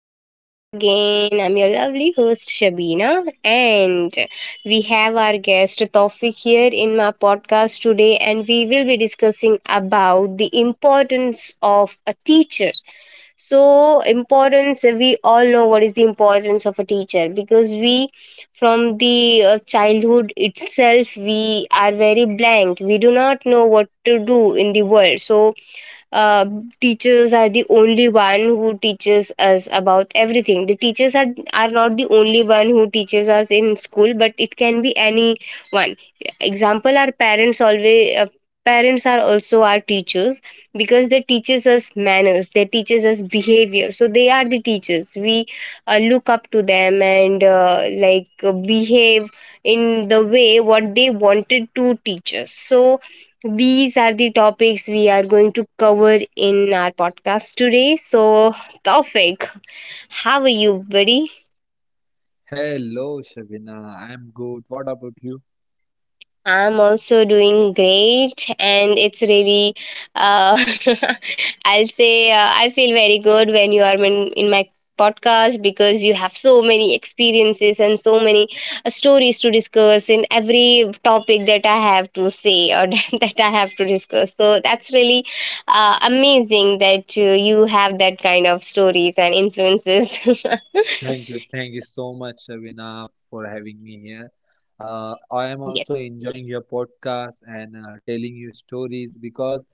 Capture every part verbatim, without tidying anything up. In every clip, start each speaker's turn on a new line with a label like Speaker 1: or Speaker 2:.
Speaker 1: my podcast again. I'm your lovely host, Shabina, and we have our guest Tawfiq here in my podcast today, and we will be discussing about the importance of a teacher. So importance, we all know what is the importance of a teacher, because we from the uh, childhood itself, we are very blank, we do not know what to do in the world. So uh, teachers are the only one who teaches us about everything. The teachers are, are not the only one who teaches us in school, but it can be anyone. Example, our parents always uh, parents are also our teachers because they teaches us manners, they teaches us behavior. So they are the teachers we uh, look up to them and uh, like uh, behave in the way what they wanted to teach us. So these are the topics we are going to cover in our podcast today. So, Taufik, how are you, buddy?
Speaker 2: Hello, Shavina. I'm good. What about you?
Speaker 1: I'm also doing great, and it's really, uh, I'll say, uh, I feel very good when you are in, in my podcast because you have so many experiences and so many uh, stories to discuss in every topic that I have to say or that I have to discuss. So that's really uh, amazing that uh, you have that kind of stories and influences.
Speaker 2: Thank you. Thank you so much, Shavina, for having me here. Uh, I am
Speaker 1: Yes,
Speaker 2: also enjoying your podcast and uh, telling you stories because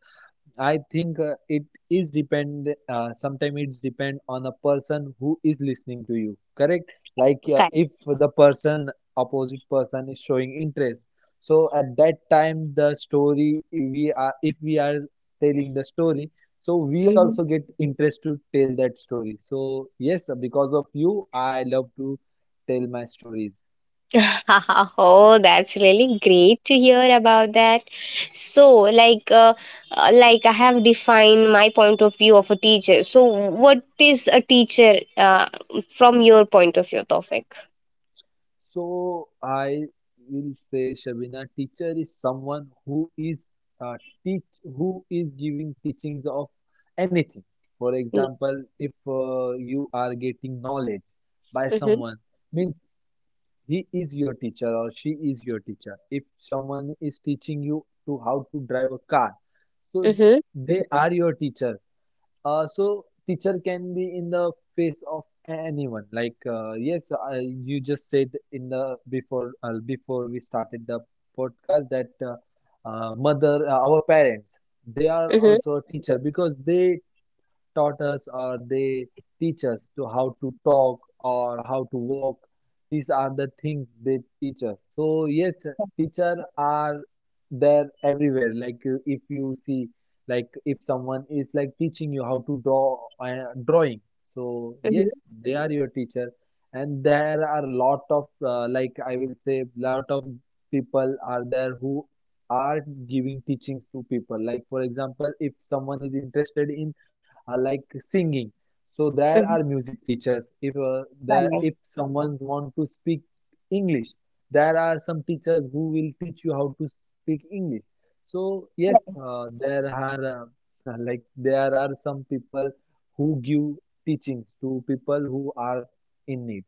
Speaker 2: I think uh, it is depend. Uh, sometimes it's depend on a person who is listening to you. Correct? Like uh,
Speaker 1: okay.
Speaker 2: if the person opposite person is showing interest, so at that time the story we are if we are telling the story, so we also get interest to tell that story. So yes, because of you, I love to tell my stories.
Speaker 1: Oh, that's really great to hear about that. So, like, uh, uh, like I have defined my point of view of a teacher. So, what is a teacher uh, from your point of view, Tofik?
Speaker 2: So I will say, Shabina, teacher is someone who is uh, teach who is giving teachings of anything. For example, if uh, you are getting knowledge by
Speaker 1: Mm-hmm,
Speaker 2: someone, means he is your teacher or she is your teacher. If someone is teaching you to how to drive a car, so
Speaker 1: mm-hmm,
Speaker 2: they are your teacher. Uh, so teacher can be in the face of a- anyone. Like uh, yes, I, you just said in the before uh, before we started the podcast that uh, uh, mother uh, our parents they are
Speaker 1: mm-hmm,
Speaker 2: also a teacher because they taught us or they teach us to how to talk or how to walk. These are the things they teach us. So yes, teacher are there everywhere. Like uh, if you see, like if someone is like teaching you how to draw uh, drawing, so yes, they are your teacher. And there are lot of uh, like I will say lot of people are there who are giving teachings to people. Like for example, if someone is interested in uh, like singing. So there
Speaker 1: mm-hmm.
Speaker 2: are music teachers. If uh, there,
Speaker 1: Correct.
Speaker 2: if someone want to speak English, there are some teachers who will teach you how to speak English. So yes, uh, there are uh, uh, like there are some people who give teachings to people who are in need.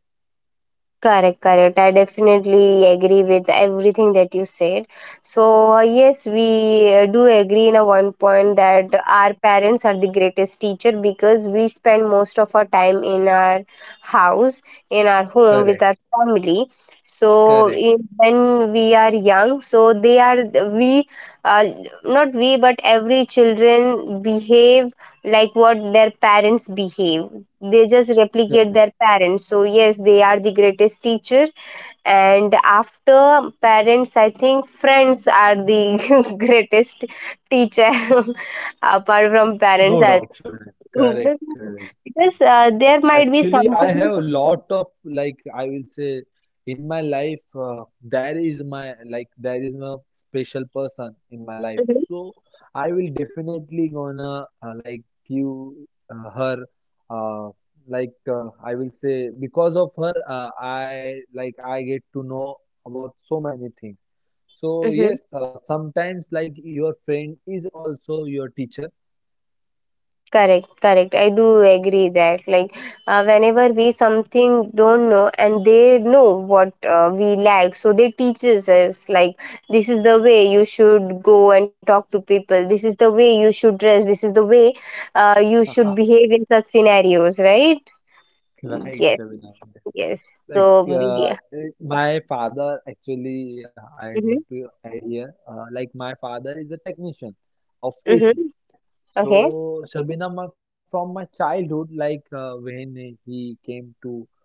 Speaker 1: Correct, correct. I definitely agree with everything that you said. So, uh, yes, we uh, do agree in a one point that our parents are the greatest teacher because we spend most of our time in our house, in our home with
Speaker 2: Correct.
Speaker 1: our family. So,
Speaker 2: Correct,
Speaker 1: in, when we are young, so they are we, uh, not we, but every children behave like what their parents behave. They just replicate
Speaker 2: correct.
Speaker 1: their parents. So yes, they are the greatest teacher. And after parents, I think friends are the greatest teacher apart from parents,
Speaker 2: No
Speaker 1: I
Speaker 2: doubt, Shabina.
Speaker 1: think
Speaker 2: Correct. Hmm. Correct.
Speaker 1: because uh, there might be
Speaker 2: Actually, I
Speaker 1: something.
Speaker 2: have a lot of, like, I will say, in my life uh, there is my like there is my special person in my life. So I will definitely gonna uh, like give uh, her uh, like uh, I will say because of her uh, I like I get to know about so many things. So
Speaker 1: Mhm.
Speaker 2: yes, uh, sometimes like your friend is also your teacher.
Speaker 1: Correct, correct. I do agree that, like, uh, whenever we something don't know and they know what uh, we lack, so they teaches us like this is the way you should go and talk to people. This is the way you should dress. This is the way uh, you should behave in such scenarios, right?
Speaker 2: Right,
Speaker 1: Yes,
Speaker 2: Shabina.
Speaker 1: yes.
Speaker 2: Like
Speaker 1: So
Speaker 2: uh,
Speaker 1: yeah.
Speaker 2: eh, my father actually, uh, I want
Speaker 1: Mhm.
Speaker 2: to add here. Uh, like my father is a technician of
Speaker 1: Mhm.
Speaker 2: A C.
Speaker 1: Okay.
Speaker 2: So Shabina, my- from my childhood, like uh, when he came to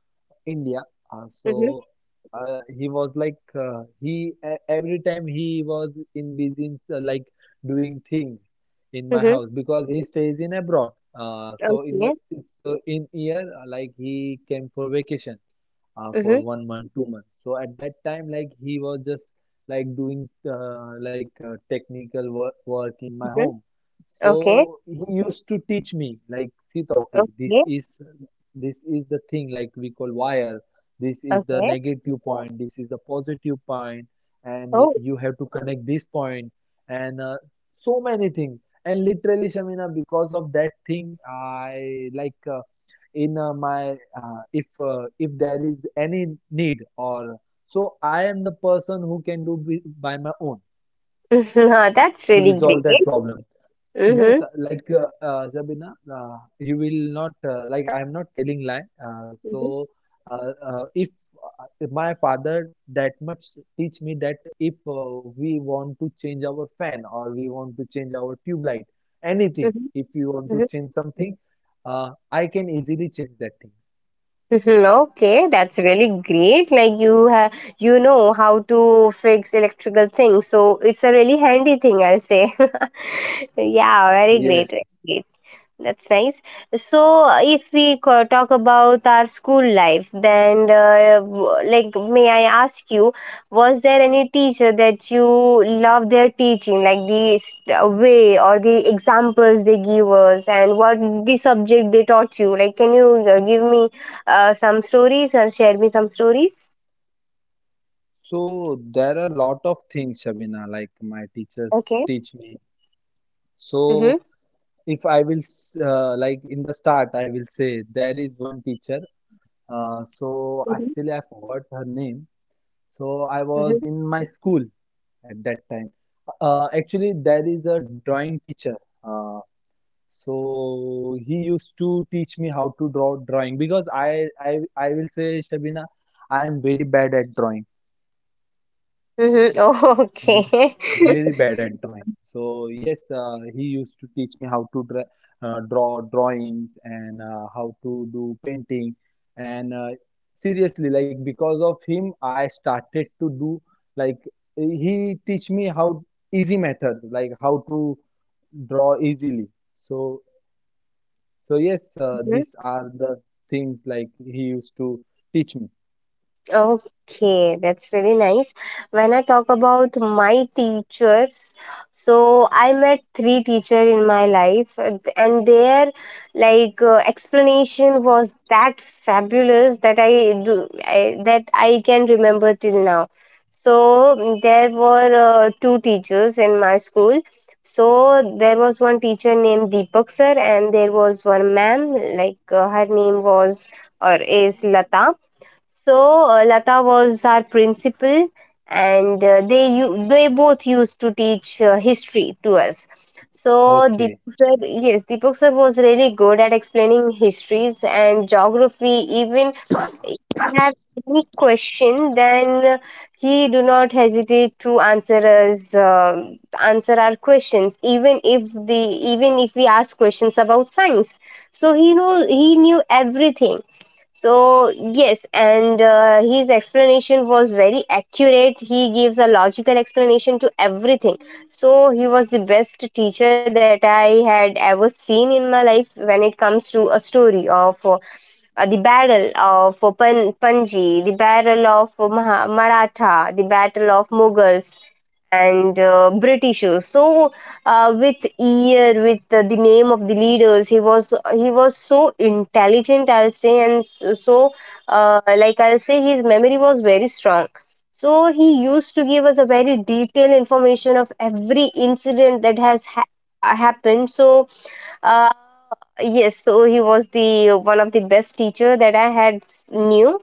Speaker 2: India, uh,
Speaker 1: Mhm.
Speaker 2: so uh, he was like uh, he e- every time he was in busy uh, like doing things in my house
Speaker 1: Mhm.
Speaker 2: because he stays in abroad. Uh, so in the
Speaker 1: Okay.
Speaker 2: so in year, uh, like he came for vacation uh, for
Speaker 1: Mhm.
Speaker 2: one month, two months. So at that time, like he was just like doing uh, like uh, technical work, work in my
Speaker 1: Mhm.
Speaker 2: home.
Speaker 1: Okay.
Speaker 2: So he used to teach me, like, see Taufik, this
Speaker 1: Okay.
Speaker 2: is this is the thing like we call wire. This is the
Speaker 1: Okay.
Speaker 2: negative point. This is the positive point, and
Speaker 1: Oh,
Speaker 2: you have to connect this point, and uh, so many things. And literally, Shamina, because of that thing, I like Uh, in uh, my uh, if uh, if there is any need or so, I am the person who can do bi- by my own
Speaker 1: that's
Speaker 2: to
Speaker 1: really
Speaker 2: resolve
Speaker 1: great.
Speaker 2: that problem. Yes,
Speaker 1: Mm-hmm.
Speaker 2: uh, like uh, uh, Zabina, uh, you will not, uh, like I am not telling lie. Uh,
Speaker 1: Mhm,
Speaker 2: so uh, uh, if uh, if my father that much teach me that if uh, we want to change our fan or we want to change our tube light,
Speaker 1: mhm,
Speaker 2: anything, if you want
Speaker 1: mhm,
Speaker 2: to
Speaker 1: mhm.
Speaker 2: change something, uh, I can easily change that thing.
Speaker 1: Okay, that's really great. Like you have, you know how to fix electrical things, so it's a really handy thing, I'll say. Yeah, very great.
Speaker 2: Yes.
Speaker 1: Very great. That's nice. So, uh, if we co- talk about our school life, then, uh, w- like, may I ask you, was there any teacher that you love their teaching, like the s- uh, way or the examples they give us, and what the subject they taught you? Like, can you uh, give me uh, some stories or share me some stories?
Speaker 2: So there are a lot of things, Shabina, like my
Speaker 1: Okay.
Speaker 2: teachers teach me.
Speaker 1: Mm-hmm.
Speaker 2: So if I will, s- uh, like in the start, I will say there is one teacher. Uh,
Speaker 1: Mm-hmm.
Speaker 2: so actually, I forgot her name. So I
Speaker 1: Mm-hmm.
Speaker 2: was in my school at that time. Uh, actually, there is a drawing teacher. Uh, so he used to teach me how to draw drawing because I, I, I will say, Shabina, I am very bad at drawing.
Speaker 1: Oh,
Speaker 2: I'm
Speaker 1: okay.
Speaker 2: very bad at drawing. So yes, uh, he used to teach me how to dra uh, draw drawings and uh, how to do painting. And uh, seriously, like because of him, I started to do, like, he teach me how easy methods, like how to draw easily. So so yes, uh, these are the things like he used to teach me.
Speaker 1: Okay, that's really nice. When I talk about my teachers, so I met three teachers in my life, and and their like uh, explanation was that fabulous that I do I, that I can remember till now. So mm, there were uh, two teachers in my school. So there was one teacher named Deepak sir, and there was one ma'am, like, uh, her name was or is Lata. So uh, Lata was our principal, and uh, they u- they both used to teach uh, history to us. So
Speaker 2: Okay,
Speaker 1: Deepak sir, yes, Deepak sir was really good at explaining histories and geography. Even if you have any question, then he do not hesitate to answer us, uh, answer our questions. Even if the even if we ask questions about science, so he know he knew everything. So yes, and uh, his explanation was very accurate. He gives a logical explanation to everything. So he was the best teacher that I had ever seen in my life. When it comes to a story of uh, uh, the battle of uh, Pan- Panji, the battle of uh, Maha- Maratha, the battle of Mughals and uh, British. So uh, with ear with uh, the name of the leaders, he was he was so intelligent, I'll say. And so so, uh, like, I'll say, his memory was very strong. So he used to give us a very detailed information of every incident that has ha- uh, happened. So uh, yes, so he was the one of the best teacher that I had s- knew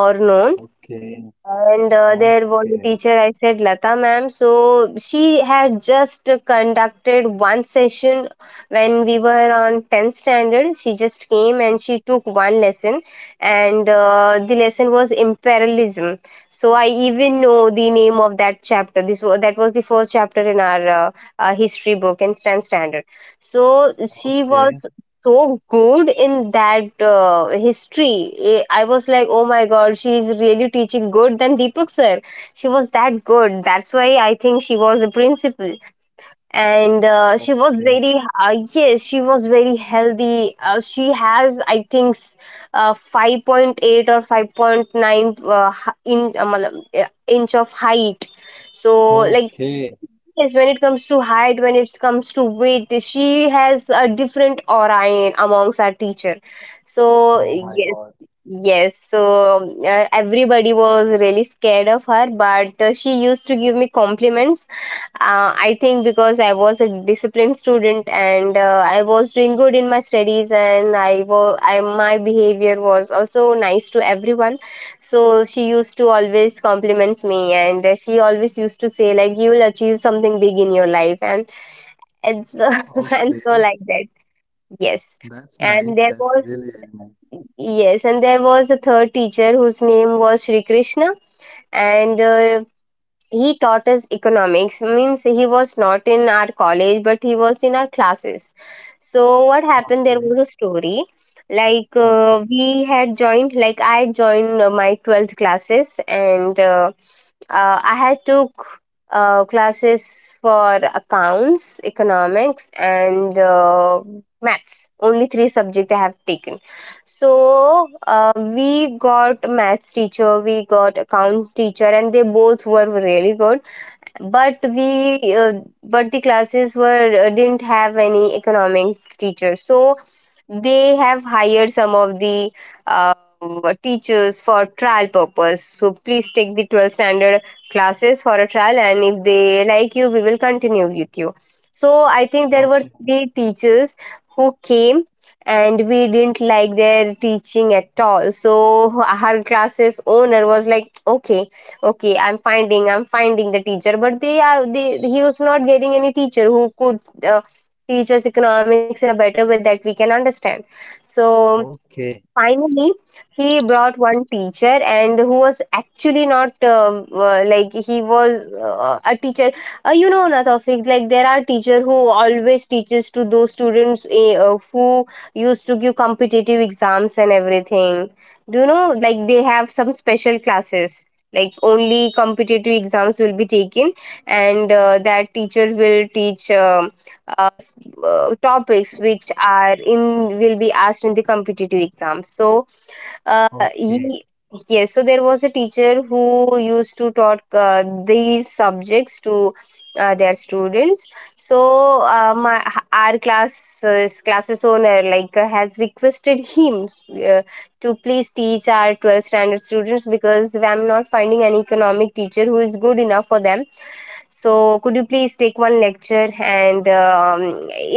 Speaker 1: or known.
Speaker 2: okay,
Speaker 1: And uh, there was a
Speaker 2: okay,
Speaker 1: teacher, I said Lata ma'am. So she had just conducted one session when we were on tenth standard. She just came and she took one lesson, and uh, the lesson was imperialism. So I even know the name of that chapter. This was, that was the first chapter in our uh, uh, history book in tenth standard. So she was
Speaker 2: okay,
Speaker 1: so good in that uh, history. Eh, I was like, oh my god, she is really teaching good than Deepak sir. She was that good. That's why I think she was a principal. And uh, she was
Speaker 2: okay.
Speaker 1: very, uh, yes, she was very healthy. Uh, she has, I think, s- uh, five point eight or five point nine uh, h- in, uh, matlab, uh, inch of height. So, like,
Speaker 2: Okay.
Speaker 1: yes, when it comes to height, when it comes to weight, she has a different aura in, amongst our teacher. So
Speaker 2: Oh my
Speaker 1: yes,
Speaker 2: God.
Speaker 1: yes. So uh, everybody was really scared of her, but uh, she used to give me compliments uh, I think because I was a disciplined student and uh, I was doing good in my studies. And I, wa- I my behavior was also nice to everyone, so she used to always compliments me. And uh, she always used to say like, you will achieve something big in your life, and it's and
Speaker 2: Okay.
Speaker 1: so like that, yes.
Speaker 2: That's
Speaker 1: And
Speaker 2: nice.
Speaker 1: there
Speaker 2: That's really,
Speaker 1: was,
Speaker 2: really nice.
Speaker 1: yes, and there was a third teacher whose name was Shri Krishna, and uh, he taught us economics. Means he was not in our college but he was in our classes. So what happened, there
Speaker 2: Okay.
Speaker 1: was a story like, uh,
Speaker 2: Okay.
Speaker 1: we had joined like I had joined uh, my twelfth classes and uh, uh, I had took uh, classes for accounts, economics, and uh, maths. Only three subject I have taken. So uh, we got maths teacher, we got account teacher, and they both were really good. But we uh, but the classes were uh, didn't have any economic teachers. So they have hired some of the uh, teachers for trial purpose. So please take the twelfth standard classes for a trial, and if they like you, we will continue with you. So I think there were
Speaker 2: Okay.
Speaker 1: three teachers who came and we didn't like their teaching at all. So our classes owner was like, okay, okay, i'm finding I'm finding the teacher. But they are they, he was not getting any teacher who could uh, teach us economics in a better way that we can understand. So
Speaker 2: Okay.
Speaker 1: finally he brought one teacher, and who was actually not uh, uh, like he was uh, a teacher, uh, you know na Taufeeq, like there are teacher who always teaches to those students, eh, uh, who used to give competitive exams and everything. Do you know? Like they have some special classes, like only competitive exams will be taken. And uh, that teacher will teach um uh, s- uh, topics which are in will be asked in the competitive exam. So uh, he,
Speaker 2: Okay.
Speaker 1: yes, so there was a teacher who used to taught uh, these subjects to uh, their students. So uh, my our class uh, classes owner, like, uh, has requested him uh, to please teach our twelfth standard students because I'm not finding an economic teacher who is good enough for them. So could you please take one lecture, and um,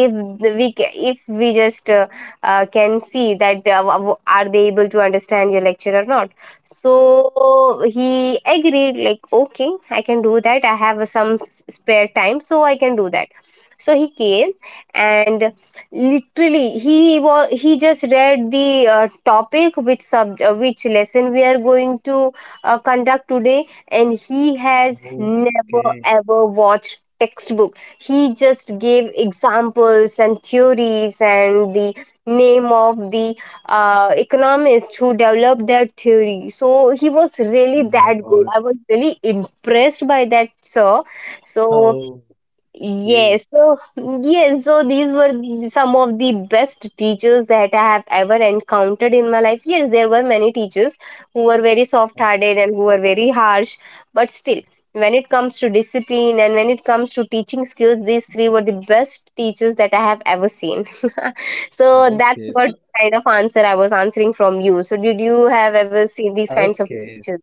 Speaker 1: if the- we ca- if we just uh, uh, can see that uh, w- are they able to understand your lecture or not? So he agreed like, okay, I can do that. I have some spare time, so I can do that. So he came, and literally, he was he just read the uh, topic which sub uh, which lesson we are going to uh, conduct today. And he has never
Speaker 2: Okay.
Speaker 1: ever watched textbook. He just gave examples and theories and the name of the uh, economist who developed that theory. So he was really
Speaker 2: Oh my
Speaker 1: that good.
Speaker 2: God.
Speaker 1: I was really impressed by that sir. So
Speaker 2: Okay.
Speaker 1: yes, so yes, so these were some of the best teachers that I have ever encountered in my life. Yes, there were many teachers who were very soft-hearted and who were very harsh, but still, when it comes to discipline and when it comes to teaching skills, these three were the best teachers that I have ever seen. So that's
Speaker 2: Okay.
Speaker 1: what
Speaker 2: So,
Speaker 1: kind of answer I was answering from you. So did you have ever seen these kinds of
Speaker 2: okay.
Speaker 1: teachers?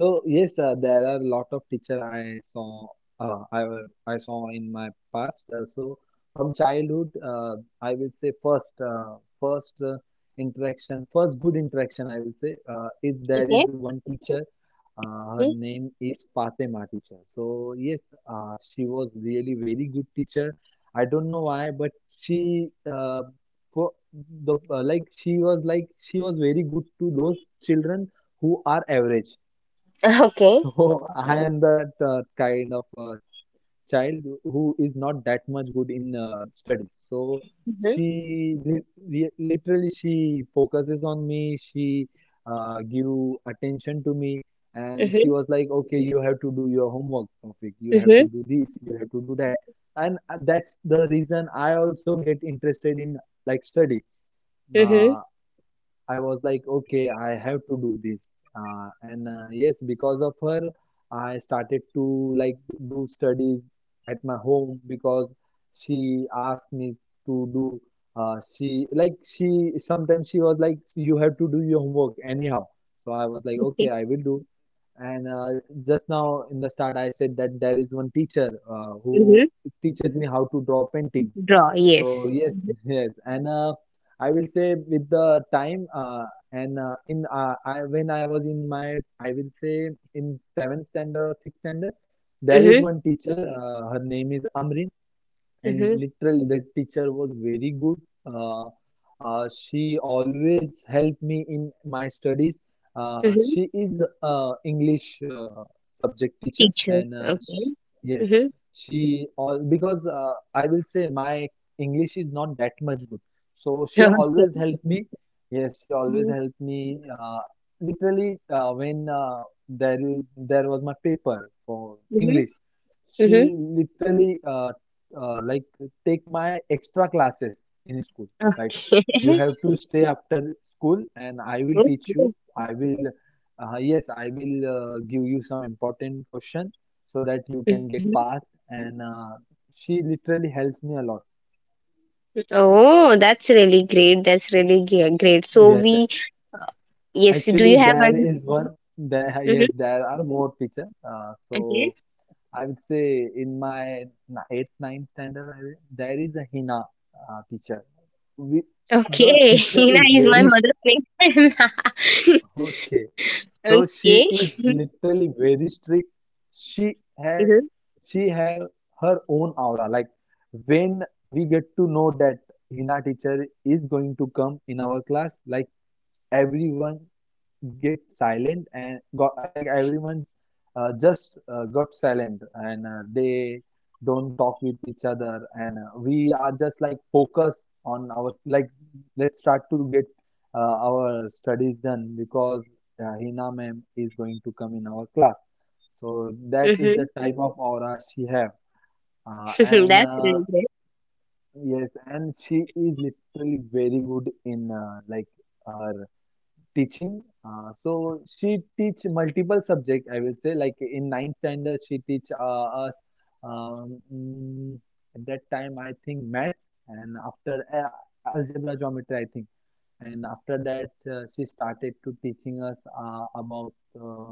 Speaker 2: So yes, uh, there are a lot of teacher I saw uh, I wa- I saw in my past. Uh, so from childhood, uh, I will say first uh, first uh, interaction, first good interaction, I will say, uh, is there
Speaker 1: Okay.
Speaker 2: is one teacher. Uh, her
Speaker 1: Mhm.
Speaker 2: name is Fatima teacher. So yes, uh, she was really very good teacher. I don't know why, but she uh, for the uh, like she was like she was very good to those children who are average.
Speaker 1: Okay.
Speaker 2: So I am that uh, kind of uh, child who is not that much good in uh, studies. So
Speaker 1: Mm-hmm.
Speaker 2: she li li- literally she focuses on me. She uh, give attention to me, and she
Speaker 1: Mm-hmm.
Speaker 2: was like, "Okay, you have to do your homework, Taufik. You have to
Speaker 1: Mm-hmm.
Speaker 2: do this. You have to do that." And uh, that's the reason I also get interested in, like, study.
Speaker 1: Mm-hmm.
Speaker 2: Uh, I was like, okay, I have to do this. Uh, and uh, Yes, because of her, I started to like do studies at my home because she asked me to do. Uh, she like she sometimes she was like, you have to do your homework anyhow. So I was like, okay, I will do. And uh, just now in the start, I said that there is one teacher uh, who
Speaker 1: Okay.
Speaker 2: teaches me how to draw painting.
Speaker 1: Draw,
Speaker 2: So
Speaker 1: yes.
Speaker 2: yes, yes, and uh, I will say with the time uh, and uh, in uh, I, when I was in my, I will say, in seventh standard or sixth standard, there is
Speaker 1: Mm-hmm.
Speaker 2: one teacher. Uh, her name is Amrin, and
Speaker 1: Mm-hmm.
Speaker 2: literally the teacher was very good. uh, uh, she always helped me in my studies. Uh,
Speaker 1: Mm-hmm.
Speaker 2: she is uh, English uh, subject teacher.
Speaker 1: Teacher,
Speaker 2: And uh,
Speaker 1: okay.
Speaker 2: sh yes,
Speaker 1: Mm-hmm.
Speaker 2: she all because uh, I will say my English is not that much good, so she
Speaker 1: Okay.
Speaker 2: always helped me. Yes, she always helped me uh, literally. Uh, when uh, there is there was my paper for
Speaker 1: Mm-hmm.
Speaker 2: English, she
Speaker 1: Mm-hmm.
Speaker 2: literally uh, uh, like take my extra classes in school. Like,
Speaker 1: Okay.
Speaker 2: you have to stay after school, and I will
Speaker 1: Good,
Speaker 2: teach you.
Speaker 1: good.
Speaker 2: I will, uh, yes, I will uh, give you some important question so that you can
Speaker 1: Mhm.
Speaker 2: get pass. And uh, she literally helps me a lot.
Speaker 1: Oh, that's really great. That's really ge- great. So
Speaker 2: Yes,
Speaker 1: we, uh, yes. Do
Speaker 2: actually
Speaker 1: you have
Speaker 2: there
Speaker 1: any?
Speaker 2: is one. There Yes,
Speaker 1: Mm-hmm.
Speaker 2: there are more teacher. Uh, so
Speaker 1: Okay.
Speaker 2: I would say in my n- eighth, ninth standard, I, will- there is a Hina uh, teacher. We, the
Speaker 1: Okay.
Speaker 2: teacher
Speaker 1: Hina
Speaker 2: is
Speaker 1: is
Speaker 2: very
Speaker 1: my
Speaker 2: s-
Speaker 1: mother's name.
Speaker 2: okay.
Speaker 1: okay.
Speaker 2: So she
Speaker 1: Mm-hmm.
Speaker 2: is literally very strict. She has she have her own aura. Like, when we get to know that Hina teacher is going to come in our class, like, everyone get silent and got, like, everyone uh, just uh, got silent, and uh, they don't talk with each other, and uh, we are just like focused on our, like, let's start to get uh, our studies done because uh, Hina ma'am is going to come in our class. So that
Speaker 1: Mm-hmm.
Speaker 2: is the type of aura she have. Uh, and
Speaker 1: that's
Speaker 2: uh,
Speaker 1: really great.
Speaker 2: Yes, and she is literally very good in uh, like uh, teaching. Uh, so she teach multiple subject. I will say, like in ninth standard she teach uh, us um, mm, at that time I think maths, and after uh, algebra, geometry I think, and after that uh, she started to teaching us uh, about uh,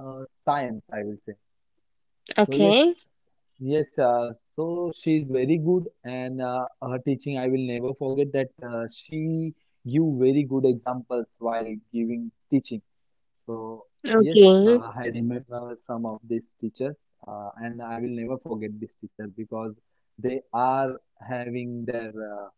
Speaker 2: uh, science, I will say. So yes.
Speaker 1: Okay.
Speaker 2: Yes, uh, so she's very good, and uh, her teaching, I will never forget that. Uh, she give very good examples while giving teaching. So yes,
Speaker 1: Okay.
Speaker 2: uh, I remember some of these teachers, uh, and I will never forget this teacher because they are having their uh,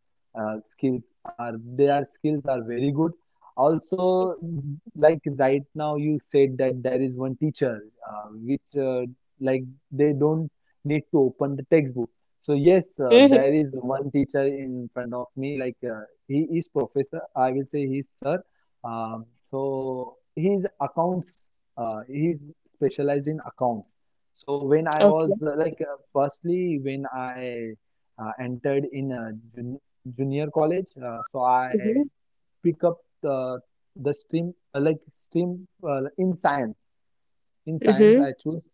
Speaker 2: uh, skills are their skills are very good. Also, mm, like right now you said that there is one teacher uh, which uh, like they don't need to open the textbook. So yes,
Speaker 1: Mm-hmm.
Speaker 2: uh, there is one teacher in front of me. Like uh, he is professor. I will say he's sir. Um, so his accounts. Uh, he's specialized in accounts. So when I
Speaker 1: Okay.
Speaker 2: was uh, like uh, firstly when I uh, entered in uh, jun junior college, uh, so I pick up the the stream uh, like stream uh, in science. In science,
Speaker 1: Mm-hmm.
Speaker 2: I choose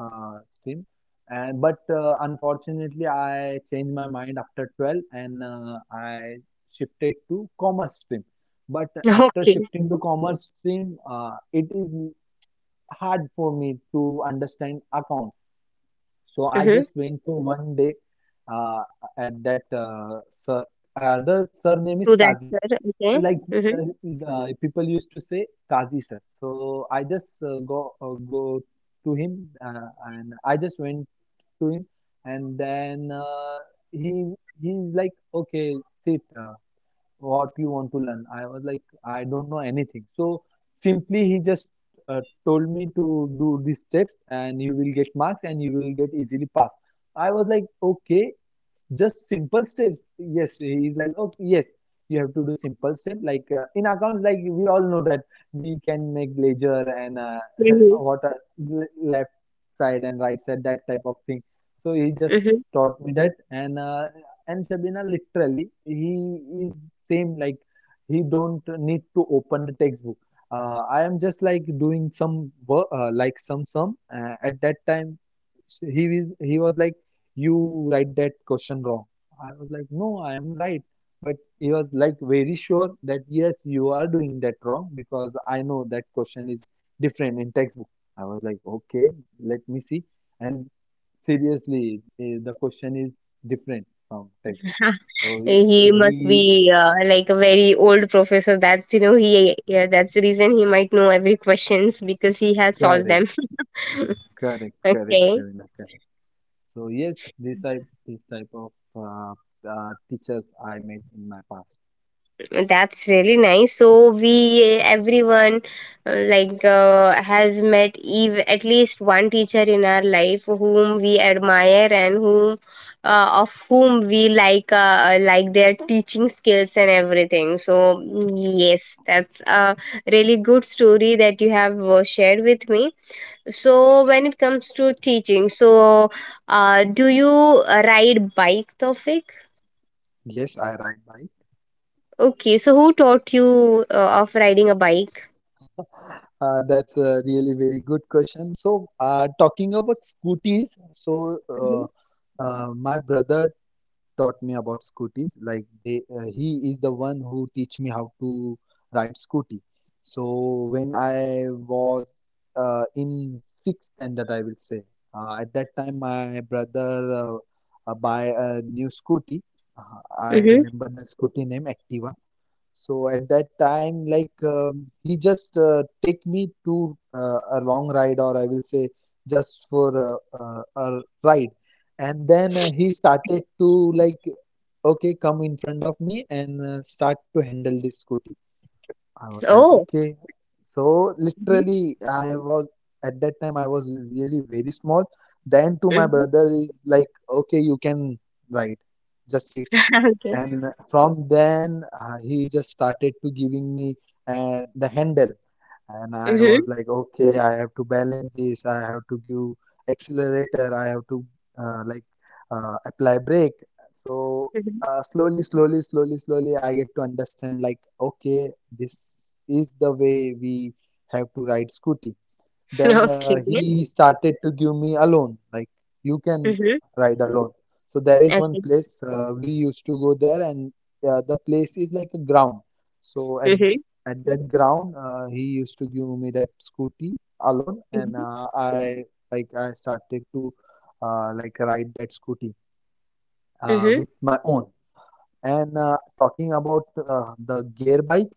Speaker 2: uh, stream, and but uh, unfortunately, I changed my mind after twelve, and uh, I shifted to commerce stream. But after
Speaker 1: Okay.
Speaker 2: shifting to commerce stream, uh, it is hard for me to understand account. So I
Speaker 1: Mm-hmm.
Speaker 2: just went for one day uh, at that uh, sir. Uh, the surname
Speaker 1: To
Speaker 2: is
Speaker 1: that, sir.
Speaker 2: Kazi,
Speaker 1: Okay.
Speaker 2: like
Speaker 1: Mm-hmm.
Speaker 2: uh, the people used to say Kazi sir. So I just uh, go uh, go to him uh, and I just went to him, and then uh, he he's like, "Okay, sit. Uh, what you want to learn?" I was like, "I don't know anything." So simply he just uh, told me, to "do these steps and you will get marks and you will get easily pass." I was like, "Okay, just simple steps." Yes, he's like, "Okay, yes, you have to do simple step, like uh, in accounts, like we all know that we can make ledger and uh,
Speaker 1: Mm-hmm.
Speaker 2: what are le- left side and right side," that type of thing. So he just
Speaker 1: Mm-hmm.
Speaker 2: taught me that. And uh, and Shabina, literally, he is same, like he don't need to open the textbook. Uh, I am just like doing some work, uh, like some sum. Uh, at that time, s- he is he was like, "You write that question wrong." I was like, "No, I am right." But he was like very sure that, "Yes, you are doing that wrong because I know that question is different in textbook." I was like, "Okay, let me see." And seriously, eh, the question is different from textbook. So
Speaker 1: He
Speaker 2: he
Speaker 1: must be uh, like a very old professor. That's you know he, yeah. That's the reason he might know every questions because he has solved
Speaker 2: correct,
Speaker 1: them.
Speaker 2: correct, correct,
Speaker 1: okay.
Speaker 2: Shavina, correct. So yes, this type, this type of uh, uh, teachers I met in my past.
Speaker 1: That's really nice. So we everyone uh, like uh, has met ev- at least one teacher in our life whom we admire and whom uh, of whom we like uh, uh, like their teaching skills and everything. So yes, that's a really good story that you have uh, shared with me. So when it comes to teaching, so uh, do you uh, ride bike, Tofik?
Speaker 2: Yes, I ride bike.
Speaker 1: Okay, so who taught you uh, of riding a bike?
Speaker 2: Uh, that's a really very good question. So, uh, talking about scooties, so uh,
Speaker 1: Mhm.
Speaker 2: uh, my brother taught me about scooties, like they uh, he is the one who teach me how to ride scooty. So when I was uh, in sixth standard, I will say, uh, at that time my brother uh, uh, buy a new scooty. uh, I
Speaker 1: Mhm.
Speaker 2: remember the scooty name Activa. So at that time, like um, he just uh, take me to uh, a long ride, or I will say just for a, a, a ride, and then uh, he started to like, "Okay, come in front of me and uh, start to handle this scooty." I was like,
Speaker 1: Oh.
Speaker 2: "Okay." So
Speaker 1: Mhm.
Speaker 2: literally, I was at that time I was really very small. Then to my
Speaker 1: Mhm.
Speaker 2: brother is like, "Okay, you can ride, just sit."
Speaker 1: Okay.
Speaker 2: And from then uh, he just started to giving me uh, the handle, and I
Speaker 1: Mhm.
Speaker 2: was like, "Okay, I have to balance this. I have to give accelerator. I have to uh, like uh, apply brake." So
Speaker 1: Mhm.
Speaker 2: uh, slowly, slowly, slowly, slowly, I get to understand, like, "Okay, this is the way we have to ride scooty." Then uh,
Speaker 1: Okay.
Speaker 2: he started to give me a loan, like, "You can
Speaker 1: Mhm.
Speaker 2: ride alone." So there is one place uh, we used to go there, and uh, the place is like a ground. So at at that ground, uh, he used to give me that scooty alone, and uh, I, like, I started to uh, like ride that scooty uh, with my own. And uh, talking about uh, the gear bike,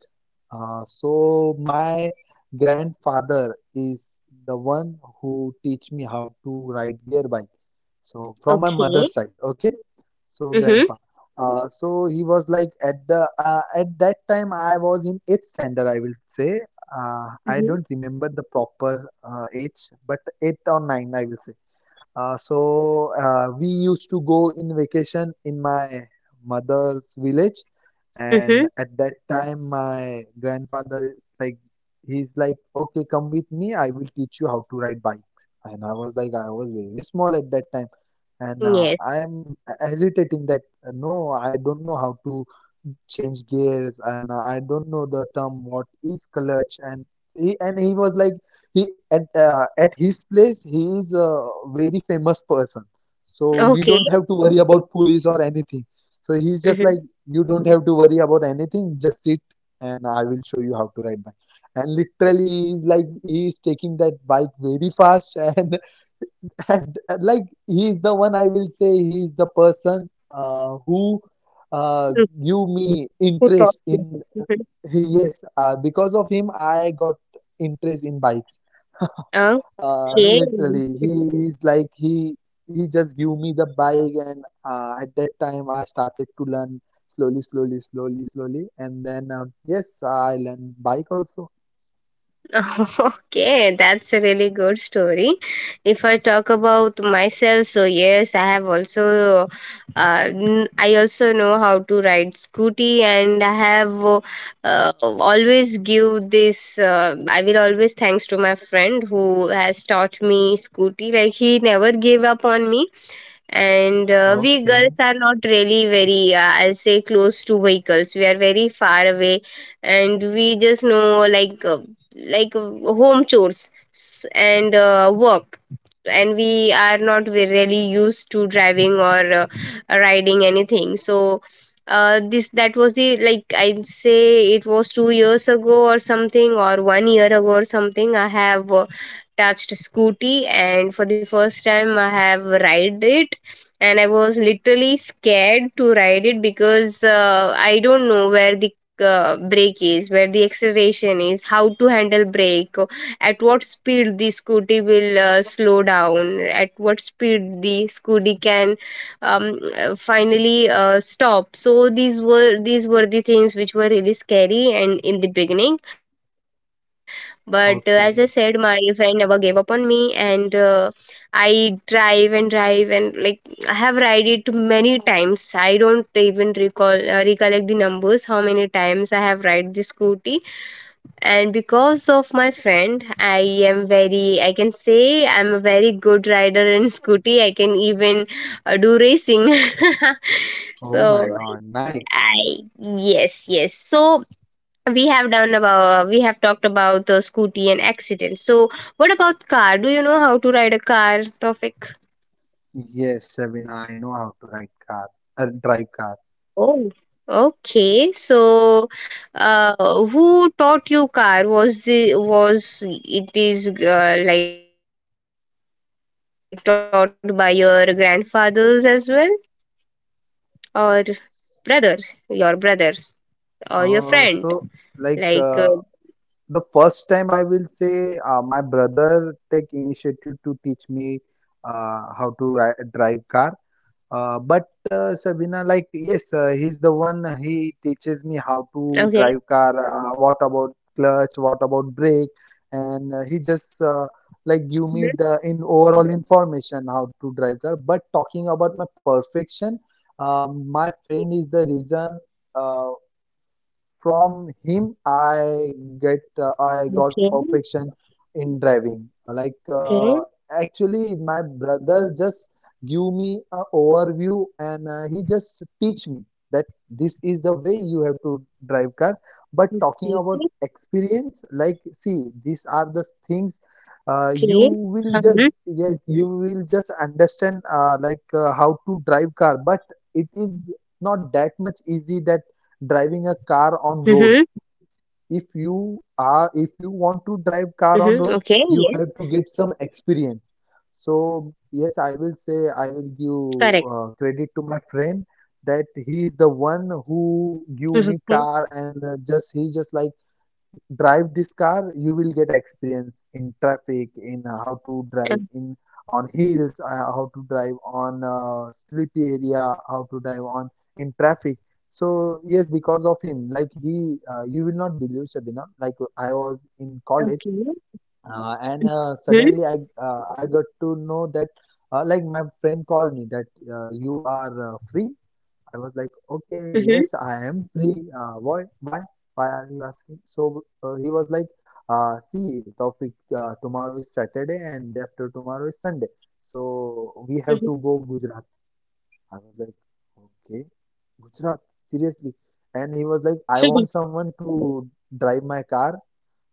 Speaker 2: uh, so my grandfather is the one who teach me how to ride gear bike. So from my
Speaker 1: Okay.
Speaker 2: mother's side, okay. So
Speaker 1: Mhm.
Speaker 2: grandpa. Uh, so he was like at the uh, at that time I was in eighth standard, I will say. Uh, I
Speaker 1: Mhm.
Speaker 2: don't remember the proper uh, age, but eight or nine, I will say. Uh, so uh, we used to go in vacation in my mother's village,
Speaker 1: Mhm. Okay. Mhm. Mhm.
Speaker 2: and
Speaker 1: Mhm.
Speaker 2: at that time my grandfather, like, he's like, "Okay, come with me. I will teach you how to ride bikes." And I was like, I was very small at that time, and uh,
Speaker 1: Yes.
Speaker 2: I'm hesitating that, uh, No, I don't know how to change gears and I don't know the term what is clutch." And he and he was like, he at uh, at his place, he is a very famous person, so we
Speaker 1: Okay.
Speaker 2: don't have to worry about police or anything. So he's just like,
Speaker 1: Mhm.
Speaker 2: "You don't have to worry about anything, just sit and I will show you how to ride bike." And literally, he's like, he is taking that bike very fast and and uh, Like, he's the one, I will say, he is the person uh, who
Speaker 1: Mm.
Speaker 2: uh, give
Speaker 1: Who
Speaker 2: me
Speaker 1: taught you?
Speaker 2: interest
Speaker 1: Mhm.
Speaker 2: in, yes, uh, because of him I got interest in bikes. Uh,
Speaker 1: Okay.
Speaker 2: literally, he is like, he he just give me the bike, and uh, at that time I started to learn slowly, slowly, slowly, slowly, and then, um yes, I learned bike also.
Speaker 1: Okay, that's a really good story. If I talk about myself, so yes, I have also, uh, n- I also know how to ride scooty, and I have uh, always give this. Uh, I will always thanks to my friend who has taught me scooty. Like he never gave up on me, and uh, we
Speaker 2: Okay,
Speaker 1: girls are not really very uh, I'll say close to vehicles. We are very far away, and we just know, like uh, like uh, home chores s- and uh, work, and we are not ve- really used to driving or uh, riding anything. So uh, this that was the, like, I'd say it was two years ago or something or one year ago or something. I have uh, touched scooty, and for the first time I have ride it, and I was literally scared to ride it because uh, I don't know where the uh, brake is, where the acceleration is, how to handle brake, at what speed the scooty will uh, slow down, at what speed the scooty can um, uh, finally uh, stop. So these were these were the things which were really scary and in the beginning, but uh, as I said, my friend
Speaker 2: okay.
Speaker 1: never gave up on me, and uh, I drive and drive, and like I have ride it many times. I don't even recall uh, recollect the numbers how many times I have ride the scooty, and because of my friend, I am very I can say I'm a very good rider in scooty. I can even uh, do racing.
Speaker 2: Oh my
Speaker 1: So
Speaker 2: God, nice.
Speaker 1: I yes, yes, so we have done about uh, we have talked about the scooty and accidents. So what about car, do you know how to ride a car, topic?
Speaker 2: Yes, Shabina, I know how to ride car, uh, drive car.
Speaker 1: Oh, okay. So uh, who taught you car? Was the was it is uh, like taught by your grandfathers as well, or brother your brother, or your friend,
Speaker 2: Uh,
Speaker 1: like uh,
Speaker 2: so, like uh, the first time, I will say, uh, my brother take initiative to teach me uh, how to ri drive car. Uh, but
Speaker 1: okay.
Speaker 2: uh, Sabina, like, yes, uh, he's the one. He teaches me how to drive car. Uh, what about clutch? What about brake? And uh, he just
Speaker 1: Mhm.
Speaker 2: uh, like give me the in overall information how to drive car. But
Speaker 1: Okay.
Speaker 2: talking about my perfection, um, my
Speaker 1: Okay.
Speaker 2: friend is the reason. Uh,
Speaker 1: Okay, your friends
Speaker 2: from
Speaker 1: are the
Speaker 2: him i get uh, I got perfection in driving. Uh, like uh, actually my brother
Speaker 1: reason.
Speaker 2: just give me a overview, and uh, he just teach me that this is the way you have to drive car. But talking about experience,
Speaker 1: okay,
Speaker 2: like, see,
Speaker 1: हाँ,
Speaker 2: these are
Speaker 1: hmm,
Speaker 2: the things uh, you will just, yeah, you will just understand uh, like uh, how to drive car. But it is not that much easy, that driving a
Speaker 1: hmm,
Speaker 2: car on road. If
Speaker 1: hmm, okay,
Speaker 2: you
Speaker 1: ये
Speaker 2: are, if you want to drive car on road, you have to get some experience. So
Speaker 1: correct,
Speaker 2: yes, I will say I will give uh, credit to my friend, that
Speaker 1: hmm,
Speaker 2: he is the
Speaker 1: hmm,
Speaker 2: one who give me car, and uh, just he just like, "Drive this car, you will get experience in traffic, in uh, how to drive in on hills, uh, how to drive on uh, sleepy area, how to drive on in traffic." So yes, because of him, like, he, uh, you will not believe, Shabina, like I was
Speaker 1: okay,
Speaker 2: in
Speaker 1: hmm,
Speaker 2: college, uh,
Speaker 1: hmm,
Speaker 2: and uh, suddenly I uh, I got to know that uh, like my friend called me, that uh, "You are uh, free?" I was like,
Speaker 1: hmm,
Speaker 2: "Okay, yes, I am free. Uh, why, why, why are you asking?" So uh, he was like, uh, "See, Taufik, uh, tomorrow is Saturday and day after tomorrow is Sunday. So
Speaker 1: hmm,
Speaker 2: we have to go Gujarat." I was like, "Okay, Gujarat, seriously." And he was like, "I want someone to drive my car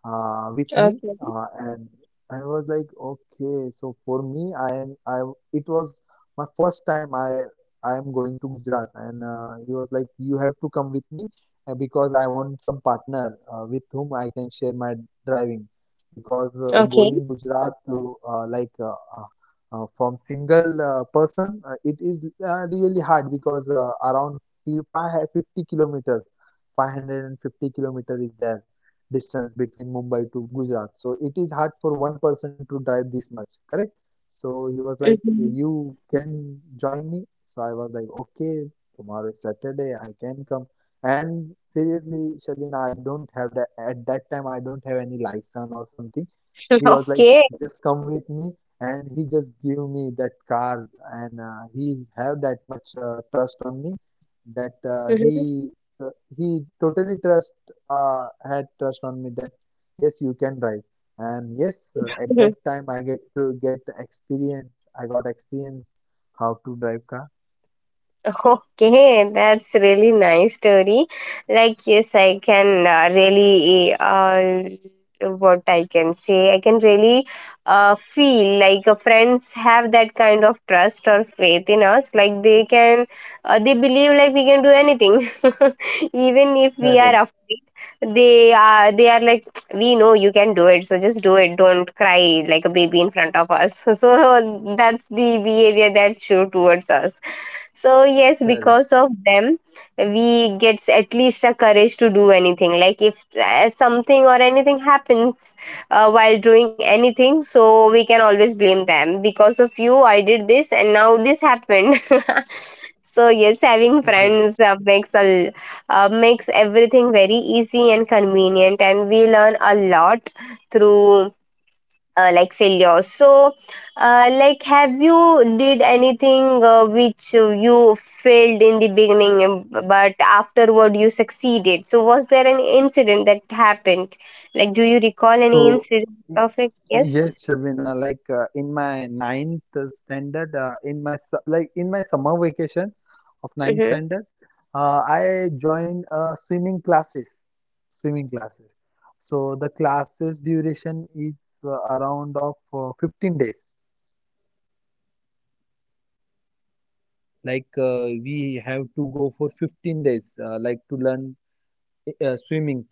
Speaker 2: uh, with me." Uh, and I was like, okay. So for me, I am I it was my first time I I am going to Gujarat. And uh, he was like, "You have to come with me uh, because I want some partner uh, with whom I can share my driving, because uh,
Speaker 1: okay,
Speaker 2: going Gujarat to uh, like uh, uh, uh, from single uh, person, uh, it is uh, really hard, because uh, around fi- five hundred fifty kilometers, five hundred fifty kilometers is there distance between Mumbai to Gujarat. So it is hard for one person to drive this much, correct?" So he was like, "You can join me." So I was like, "Okay, tomorrow is Saturday, I can come." And seriously, Shabina, I don't have that at that time. I don't have any license or something. He was
Speaker 1: okay,
Speaker 2: like, "Just come with me," and he just gave me that car, and uh, he have that much uh, trust on me, that
Speaker 1: hmm,
Speaker 2: uh,
Speaker 1: hmm,
Speaker 2: he uh, he totally trust uh, had trust on me, that yes, you can drive. And yes, uh, at
Speaker 1: okay.
Speaker 2: that time I get to get experience, I got experience how to drive car.
Speaker 1: Okay, that's really nice story. Like yes, I can uh, really uh, what I can say. I can really uh, feel like uh, friends have that kind of trust or faith in us. Like they can, uh, they believe like we can do anything, even if we are
Speaker 2: Correct,
Speaker 1: afraid. They are they are like, we know you can do it, so just do it. Don't cry like a baby in front of us. So that's the behavior that's shown towards us. So yes,
Speaker 2: correct.
Speaker 1: because of them, we gets at least a courage to do anything. Like if uh, something or anything happens uh, while doing anything, so we can always blame them. Because of you, I did this, and now this happened. So yes, having friends uh, makes a l- uh, makes everything very easy and convenient, and we learn a lot through uh, like failure. So uh, like, have you did anything uh, which uh, you failed in the beginning, um, but afterward you succeeded? So was there an incident that happened, like, do you recall any
Speaker 2: So,
Speaker 1: incident
Speaker 2: y-
Speaker 1: of it? Yes.
Speaker 2: yes, Shabina, like uh, in my ninth standard, uh, in my su- like in my summer vacation of ninth
Speaker 1: Mm-hmm.
Speaker 2: standard, uh, I joined uh, swimming classes,
Speaker 1: Mm-hmm.
Speaker 2: swimming
Speaker 1: Okay.
Speaker 2: classes. So the classes
Speaker 1: Okay.
Speaker 2: duration is uh,
Speaker 1: Okay.
Speaker 2: around of uh,
Speaker 1: Mm-hmm.
Speaker 2: fifteen days.
Speaker 1: Okay. You were missing classes. Mm-hmm.
Speaker 2: Like uh,
Speaker 1: Mm-hmm.
Speaker 2: we have to go
Speaker 1: Okay.
Speaker 2: for fifteen
Speaker 1: So
Speaker 2: days, uh, like to
Speaker 1: okay
Speaker 2: learn
Speaker 1: means
Speaker 2: uh,
Speaker 1: you
Speaker 2: swimming.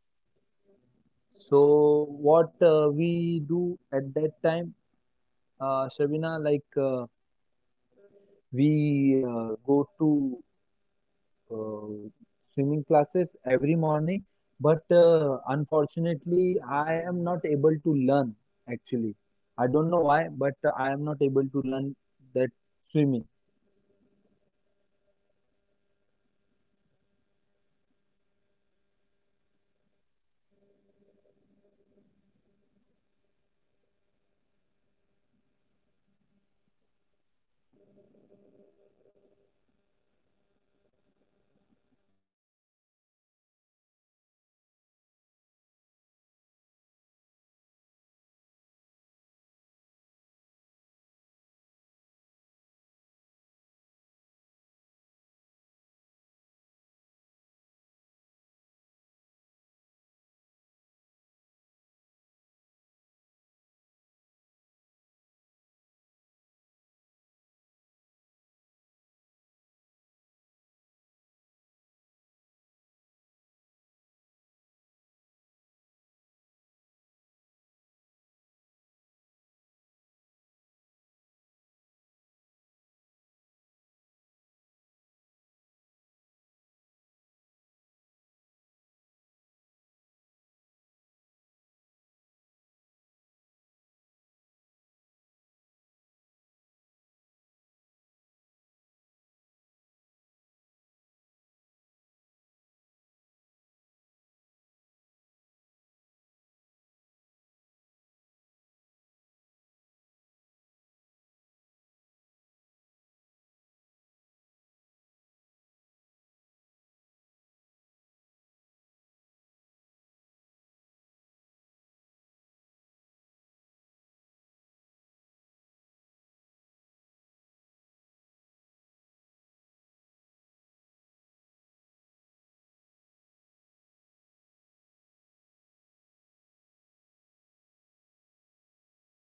Speaker 1: Mhm. Yes, please, please, go ahead.
Speaker 2: So what uh, we do
Speaker 1: Okay.
Speaker 2: at that time,
Speaker 1: So I think due
Speaker 2: uh,
Speaker 1: to network
Speaker 2: Shabina, like.
Speaker 1: issue,
Speaker 2: Uh,
Speaker 1: uh, your voice is getting break
Speaker 2: We
Speaker 1: up.
Speaker 2: uh,
Speaker 1: So no
Speaker 2: go
Speaker 1: worries.
Speaker 2: to
Speaker 1: So we have
Speaker 2: uh,
Speaker 1: uh,
Speaker 2: swimming
Speaker 1: discussed
Speaker 2: classes
Speaker 1: on
Speaker 2: every
Speaker 1: the
Speaker 2: morning,
Speaker 1: uh,
Speaker 2: but
Speaker 1: things
Speaker 2: uh,
Speaker 1: about our
Speaker 2: unfortunately,
Speaker 1: teachers. That
Speaker 2: I am
Speaker 1: teachers
Speaker 2: not
Speaker 1: are
Speaker 2: able to
Speaker 1: very uh,
Speaker 2: learn,
Speaker 1: teachers plays a very
Speaker 2: actually. I
Speaker 1: important
Speaker 2: don't
Speaker 1: role
Speaker 2: know why,
Speaker 1: in
Speaker 2: but I
Speaker 1: our uh,
Speaker 2: am not able
Speaker 1: uh,
Speaker 2: to learn
Speaker 1: society.
Speaker 2: that
Speaker 1: I'll say,
Speaker 2: swimming.
Speaker 1: and uh, th- like they are the one who teaches us everything. Like uh, yes, not even not only the subjects, but but if I consider the, uh, what we call it as manners, or uh, uh, like uh, uh, uh, postures of sitting. So yes, we I can understand that uh, I have already said in our earlier uh, discussion that parents are the greatest teacher who taught us uh, how to behave in certain places, how to behave in a public, how to um, behave in uh, uh, the uh, certain scenarios with uh, the m- people around you. So yes, they teach us, but uh, we are we are children, and so we do not understand uh, why pe- why our uh, parents are saying this to us, so we always